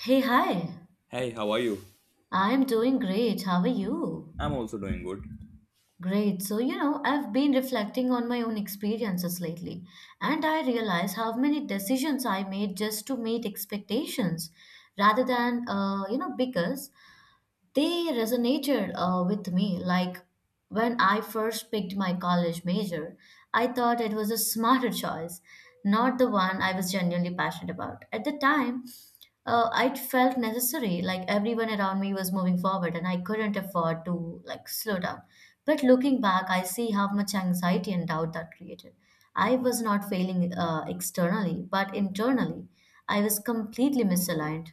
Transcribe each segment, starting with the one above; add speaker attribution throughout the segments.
Speaker 1: Hey, hi.
Speaker 2: Hey, how are you?
Speaker 1: I'm doing great. How are you?
Speaker 2: I'm also doing good.
Speaker 1: Great. So, I've been reflecting on my own experiences lately, and I realize how many decisions I made just to meet expectations rather than, because they resonated with me. Like when I first picked my college major, I thought it was a smarter choice, not the one I was genuinely passionate about. At the time, it felt necessary. Like everyone around me was moving forward, and I couldn't afford to like slow down. But looking back, I see how much anxiety and doubt that created. I was not failing externally, but internally, I was completely misaligned.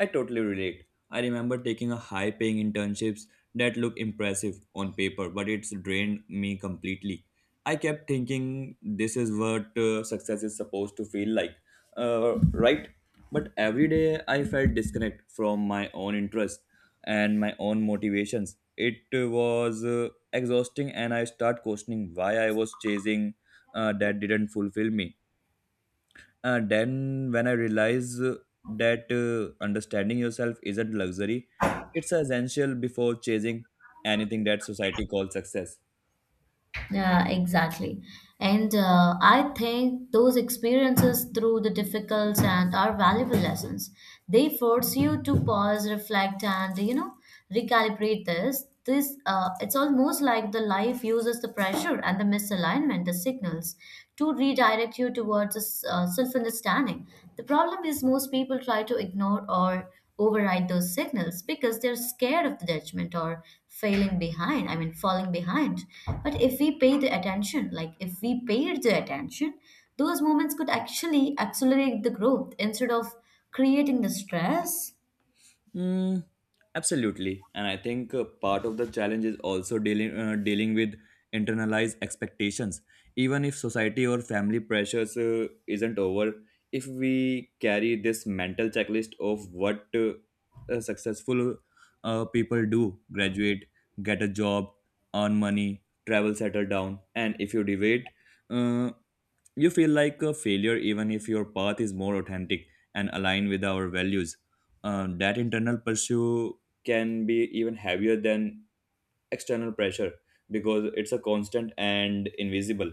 Speaker 2: I totally relate. I remember taking a high paying internships that look impressive on paper, but it's drained me completely. I kept thinking this is what success is supposed to feel like, right? But every day I felt disconnect from my own interests and my own motivations. It was exhausting, and I start questioning why I was chasing that didn't fulfill me. Then when I realized that understanding yourself isn't luxury, it's essential before chasing anything that society calls success.
Speaker 1: Yeah, exactly. And I think those experiences through the difficult and are valuable lessons. They force you to pause, reflect, and recalibrate this. It's almost like the life uses the pressure and the misalignment, the signals, to redirect you towards self-understanding. The problem is most people try to ignore or override those signals because they're scared of the judgment or failing behind I mean falling behind, but if we pay the attention like if we paid the attention, those moments could actually accelerate the growth instead of creating the stress.
Speaker 2: Mm, absolutely, and I think part of the challenge is also dealing with internalized expectations. Even if society or family pressures isn't over, if we carry this mental checklist of what successful people do, graduate, get a job, earn money, travel, settle down, and if you debate. Uh, you feel like a failure even if your path is more authentic and aligned with our values. That internal pursuit can be even heavier than external pressure because it's a constant and invisible.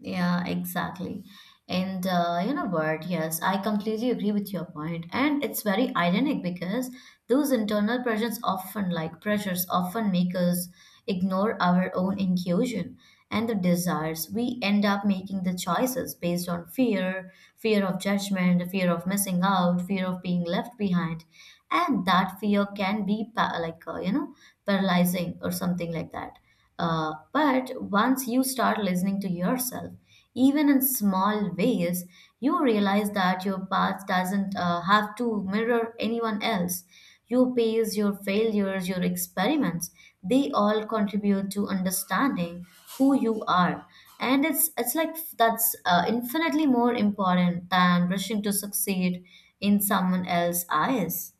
Speaker 1: Yeah, exactly. And you know what? Yes, I completely agree with your point. And it's very ironic because those internal pressures, often make us ignore our own intuition and the desires. We end up making the choices based on fear, fear of judgment, fear of missing out, fear of being left behind. And that fear can be paralyzing or something like that. But once you start listening to yourself, even in small ways, you realize that your path doesn't have to mirror anyone else. Your pace, your failures, your experiments, they all contribute to understanding who you are. And it's like that's infinitely more important than rushing to succeed in someone else's eyes.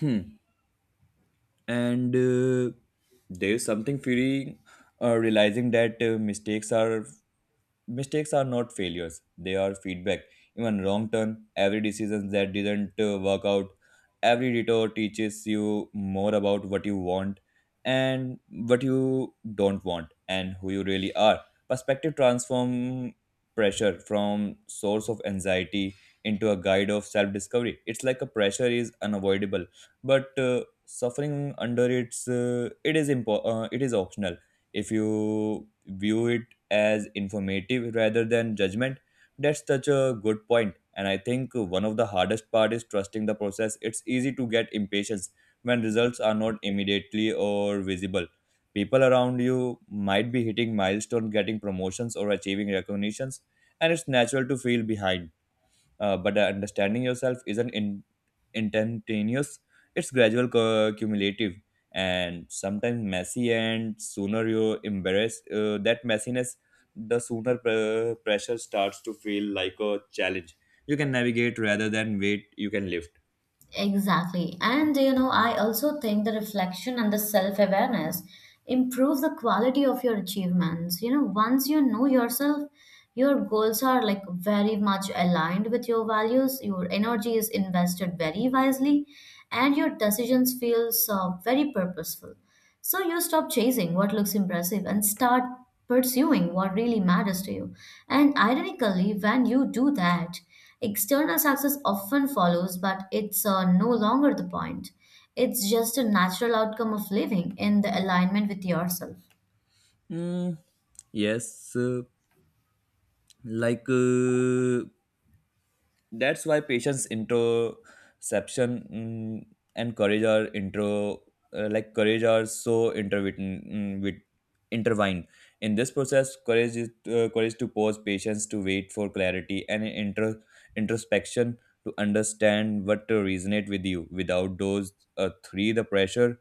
Speaker 2: Hmm. And there's something feeling realizing that mistakes are Mistakes are not failures, they are feedback. Even wrong turn, every decision that didn't work out, every detour teaches you more about what you want and what you don't want and who you really are. Perspective transform pressure from source of anxiety into a guide of self discovery. It's like a pressure is unavoidable, but suffering under it is it is optional if you view it as informative rather than judgment. That's such a good point. And I think one of the hardest part is trusting the process. It's easy to get impatient when results are not immediately or visible. People around you might be hitting milestones, getting promotions, or achieving recognitions, and it's natural to feel behind. But the understanding yourself isn't in, instantaneous, it's gradual, cumulative, and sometimes messy. And sooner you embrace that messiness, the sooner pressure starts to feel like a challenge. You can navigate rather than wait, you can lift.
Speaker 1: Exactly. And you know, I also think the reflection and the self awareness improve the quality of your achievements. You know, once you know yourself, your goals are like very much aligned with your values, your energy is invested very wisely, and your decisions feels very purposeful. So you stop chasing what looks impressive and start pursuing what really matters to you. And ironically, when you do that, external success often follows, but it's no longer the point. It's just a natural outcome of living in the alignment with yourself.
Speaker 2: Mm, yes, like. Uh, that's why patience interception mm, and courage are intro like courage are so interwoven mm, with intertwined in this process courage is courage to pause patience to wait for clarity and introspection to understand what to resonate with you without those three the pressure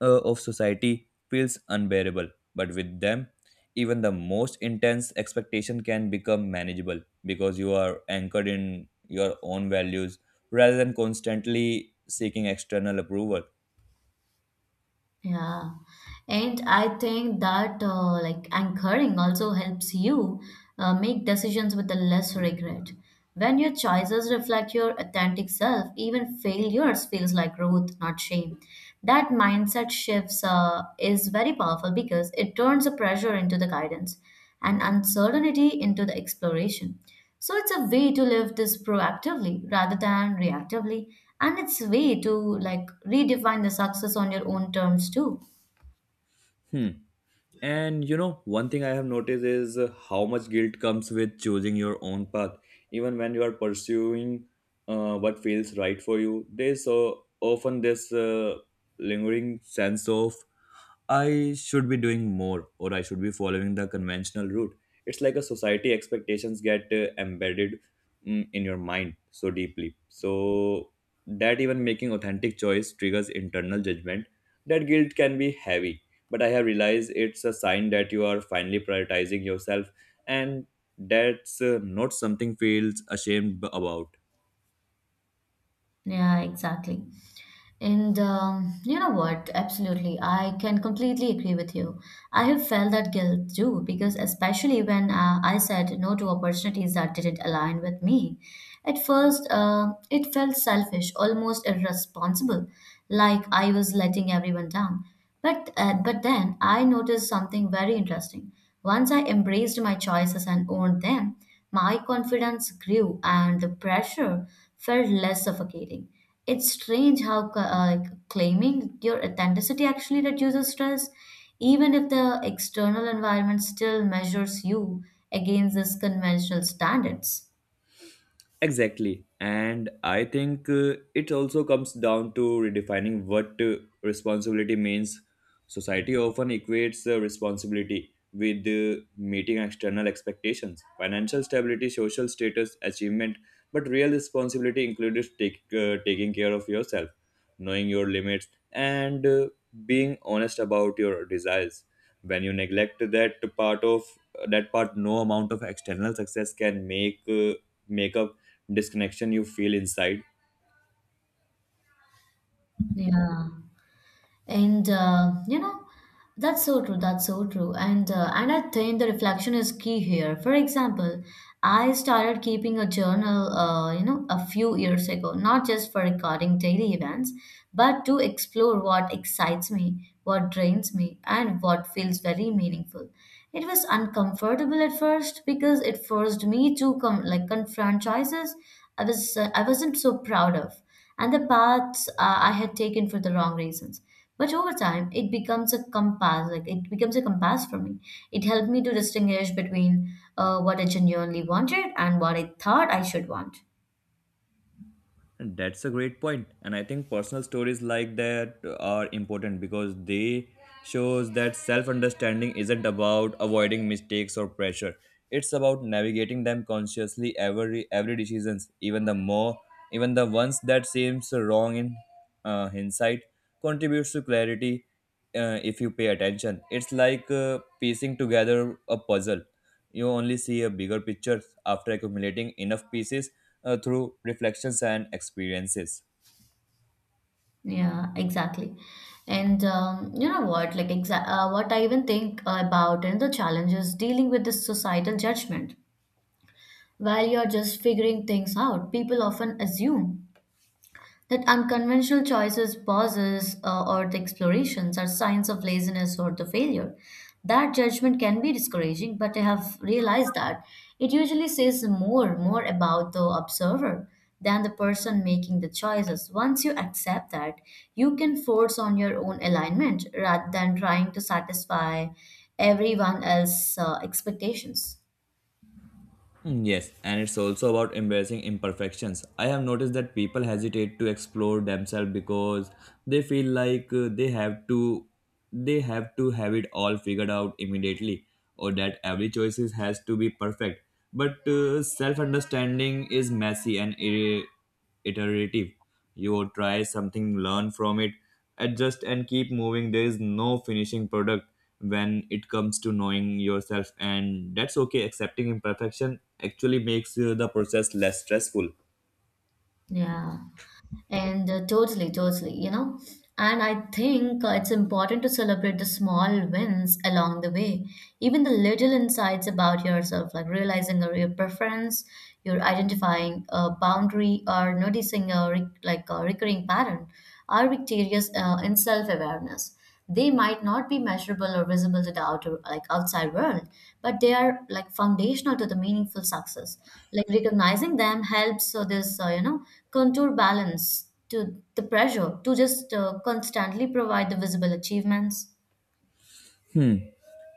Speaker 2: of society feels unbearable. But with them, even the most intense expectation can become manageable because you are anchored in your own values rather than constantly seeking external approval.
Speaker 1: Yeah, and I think that like anchoring also helps you make decisions with a less regret. When your choices reflect your authentic self, even failures feels like growth, not shame. That mindset shifts is very powerful because it turns the pressure into the guidance and uncertainty into the exploration. So it's a way to live this proactively rather than reactively, and it's a way to like redefine the success on your own terms too.
Speaker 2: Hmm. And you know, one thing I have noticed is how much guilt comes with choosing your own path. Even when you are pursuing what feels right for you, there's so often this lingering sense of I should be doing more or I should be following the conventional route. It's like a society expectations get embedded mm, in your mind so deeply. So that even making authentic choice triggers internal judgment. That guilt can be heavy, but I have realized it's a sign that you are finally prioritizing yourself and that's not something feels ashamed about.
Speaker 1: Yeah, exactly. And you know what? Absolutely. I can completely agree with you. I have felt that guilt too, because especially when I said no to opportunities that didn't align with me. At first, it felt selfish, almost irresponsible, like I was letting everyone down. But then I noticed something very interesting. Once I embraced my choices and owned them, my confidence grew and the pressure felt less suffocating. It's strange how claiming your authenticity actually reduces stress, even if the external environment still measures you against these conventional standards.
Speaker 2: Exactly. And I think it also comes down to redefining what responsibility means. Society often equates responsibility with meeting external expectations, financial stability, social status, achievement, but real responsibility includes taking care of yourself, knowing your limits, and being honest about your desires. When you neglect that part, no amount of external success can make up disconnection you feel inside.
Speaker 1: Yeah. And you know, that's so true. That's so true. And and I think the reflection is key here. For example, I started keeping a journal, a few years ago, not just for recording daily events, but to explore what excites me, what drains me, and what feels very meaningful. It was uncomfortable at first because it forced me to come like confront choices I wasn't so proud of, and the paths I had taken for the wrong reasons, but over time, it becomes a compass. Like it becomes a compass for me. It helped me to distinguish between what I genuinely wanted and what I thought I should want.
Speaker 2: And that's a great point and I think personal stories like that are important because they shows that self understanding isn't about avoiding mistakes or pressure. It's about navigating them consciously. Every decisions, even the ones that seems wrong in hindsight contributes to clarity if you pay attention. It's like piecing together a puzzle. You only see a bigger picture after accumulating enough pieces through reflections and experiences.
Speaker 1: Yeah, exactly. And you know what? Like what I even think about and the challenges dealing with this societal judgment. While you're just figuring things out, people often assume that unconventional choices, pauses, or the explorations are signs of laziness or the failure. That judgment can be discouraging, but I have realized that it usually says more about the observer than the person making the choices. Once you accept that, you can force on your own alignment rather than trying to satisfy everyone else's expectations.
Speaker 2: Mm, yes, and it's also about embracing imperfections. I have noticed that people hesitate to explore themselves because they feel like they have to have it all figured out immediately or that every has to be perfect. But self-understanding is messy and iterative. You try something, learn from it, adjust, and keep moving. There is no finishing product when it comes to knowing yourself, and that's okay. Accepting imperfection actually makes the process less stressful.
Speaker 1: Yeah. And totally, totally, you know. And I think it's important to celebrate the small wins along the way, even the little insights about yourself, like realizing a real preference, you're identifying a boundary, or noticing a a recurring pattern, are victorious in self-awareness. They might not be measurable or visible to the outer like outside world, but they are like foundational to the meaningful success. Like recognizing them helps so this, contour balance to the pressure to just constantly provide the visible achievements.
Speaker 2: Hmm.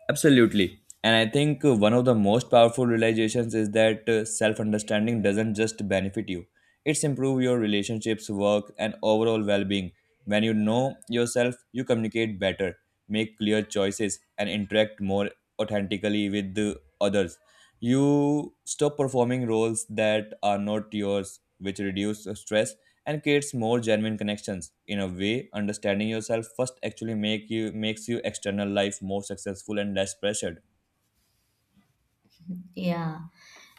Speaker 2: Absolutely. And I think one of the most powerful realizations is that self understanding doesn't just benefit you, it's improve your relationships, work, and overall well being. When you know yourself, you communicate better, make clear choices, and interact more authentically with the others. You stop performing roles that are not yours, which reduce stress and creates more genuine connections. In a way, understanding yourself first actually makes you external life more successful and less pressured.
Speaker 1: Yeah.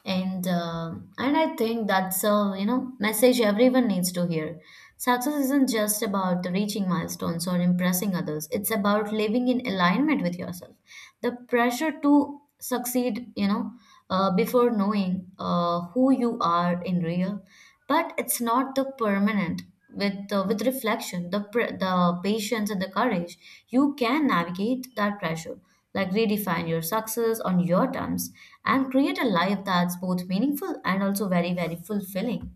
Speaker 1: And I think that's a, you know, message everyone needs to hear. Success isn't just about reaching milestones or impressing others. It's about living in alignment with yourself. The pressure to succeed, before knowing who you are in real, but it's not the permanent. With reflection, the patience and the courage, you can navigate that pressure like redefine your success on your terms and create a life that's both meaningful and also very very fulfilling.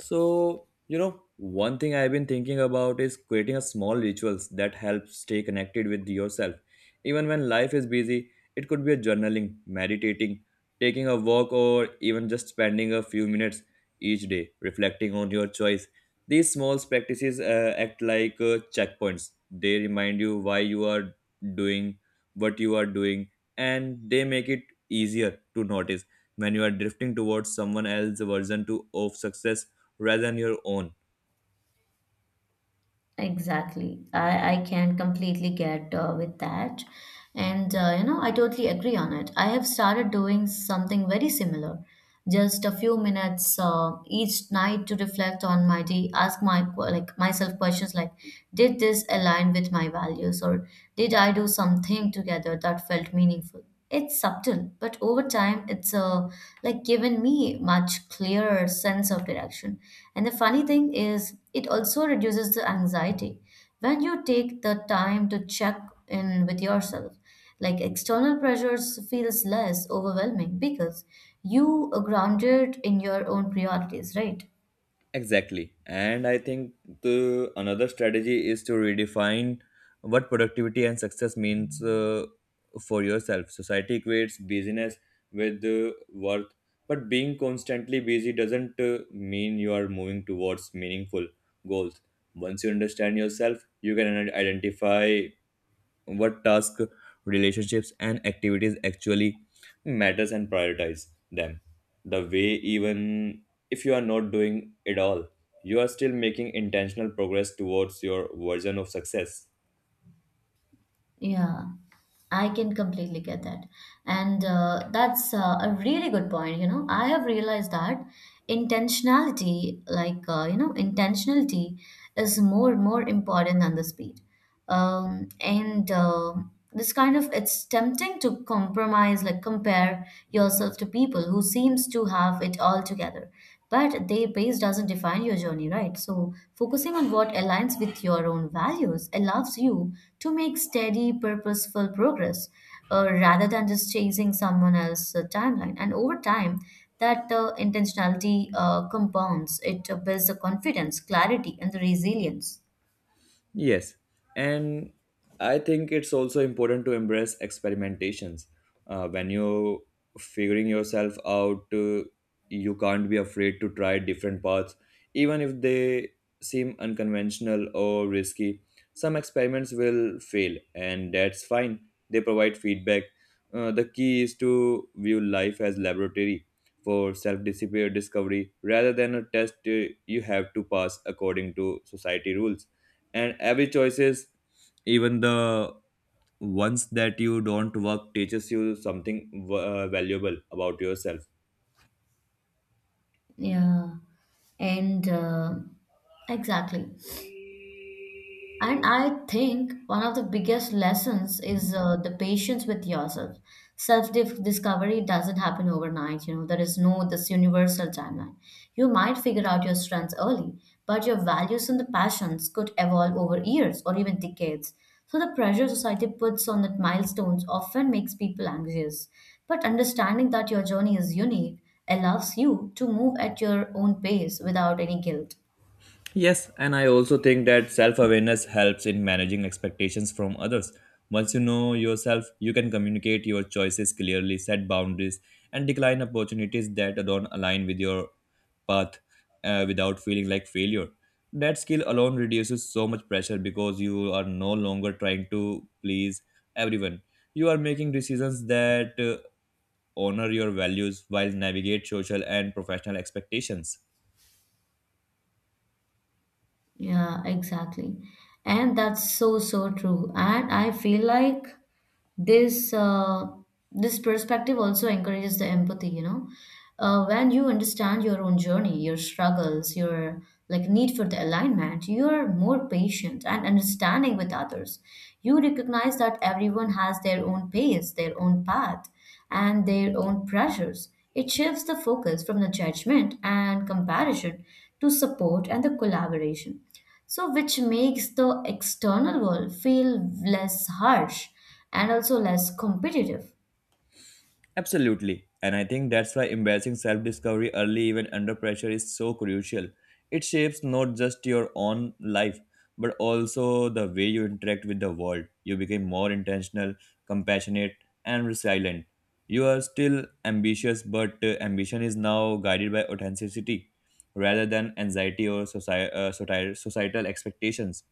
Speaker 2: So, you know, one thing I've been thinking about is creating a small rituals that help stay connected with yourself. Even when life is busy, it could be a journaling, meditating, taking a walk or even just spending a few minutes each day reflecting on your choice. These small practices act like checkpoints. They remind you why you are doing what you are doing and they make it easier to notice when you are drifting towards someone else's version to, of success rather than your own.
Speaker 1: Exactly. I can completely get with that. And, you know, I totally agree on it. I have started doing something very similar. Just a few minutes each night to reflect on my day, ask my like myself questions like, did this align with my values or did I do something together that felt meaningful? It's subtle, but over time, it's like given me much clearer sense of direction. And the funny thing is, it also reduces the anxiety when you take the time to check in with yourself. Like external pressures feels less overwhelming because you are grounded in your own priorities, right?
Speaker 2: Exactly, and I think the another strategy is to redefine what productivity and success means for yourself. Society equates busyness with worth, but being constantly busy doesn't mean you are moving towards meaningful goals. Once you understand yourself you can identify what task, relationships and activities actually matters and prioritize them the way. Even if you are not doing it all, you are still making intentional progress towards your version of success.
Speaker 1: Yeah, I can completely get that. And that's a really good point. You know, I have realized that intentionality, intentionality is more important than the speed. And this kind of it's tempting to compromise like compare yourself to people who seems to have it all together, but their pace doesn't define your journey, right? So focusing on what aligns with your own values allows you to make steady purposeful progress, rather than just chasing someone else's timeline. And over time, that intentionality compounds. It builds the confidence, clarity and the resilience.
Speaker 2: Yes, and I think it's also important to embrace experimentations. When you're figuring yourself out, you can't be afraid to try different paths, even if they seem unconventional or risky. Some experiments will fail, and that's fine. They provide feedback. The key is to view life as laboratory for self-discovery rather than a test you have to pass according to society rules. And every choices, even the ones that you don't work, teaches you something valuable about yourself.
Speaker 1: Yeah and Exactly. And I think one of the biggest lessons is the patience with yourself. Self discovery doesn't happen overnight. You know, there is no this universal timeline. You might figure out your strengths early, but your values and the passions could evolve over years or even decades. So the pressure society puts on that milestones often makes people anxious. But understanding that your journey is unique allows you to move at your own pace without any guilt.
Speaker 2: Yes, and I also think that self awareness helps in managing expectations from others. Once you know yourself, you can communicate your choices clearly, set boundaries, and decline opportunities that don't align with your path without feeling like failure. That skill alone reduces so much pressure because you are no longer trying to please everyone. You are making decisions that honor your values while navigate social and professional expectations.
Speaker 1: Yeah, exactly. And that's so, so true. And I feel like this this perspective also encourages the empathy, you know. When you understand your own journey, your struggles, your need for the alignment, you are more patient and understanding with others. You recognize that everyone has their own pace, their own path, and their own pressures. It shifts the focus from the judgment and comparison to support and the collaboration. So, which makes the external world feel less harsh and also less competitive.
Speaker 2: Absolutely. And I think that's why embracing self discovery early, even under pressure, is so crucial. It shapes not just your own life, but also the way you interact with the world. You become more intentional, compassionate, and resilient. You are still ambitious, but ambition is now guided by authenticity rather than anxiety or societal expectations.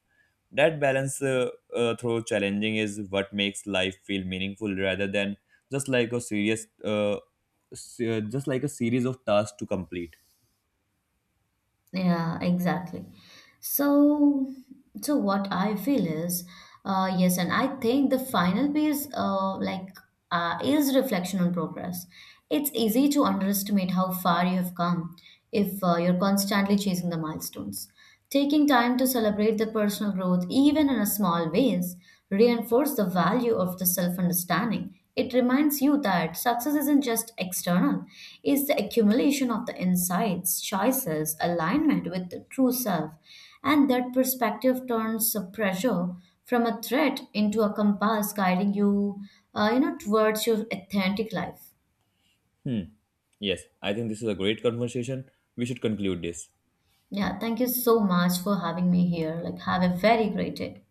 Speaker 2: That balance through challenging is what makes life feel meaningful rather than just like a serious, uh, just like a series of tasks to complete.
Speaker 1: Yeah, exactly. So, so what I feel is, yes, and I think the final piece, is reflection on progress. It's easy to underestimate how far you have come if you're constantly chasing the milestones. Taking time to celebrate the personal growth, even in a small ways, reinforce the value of the self-understanding. It reminds you that success isn't just external, it's the accumulation of the insights, choices, alignment with the true self. And that perspective turns the pressure from a threat into a compass guiding you, towards your authentic life.
Speaker 2: Hmm. Yes, I think this is a great conversation. We should conclude this.
Speaker 1: Yeah, thank you so much for having me here. Like, have a very great day.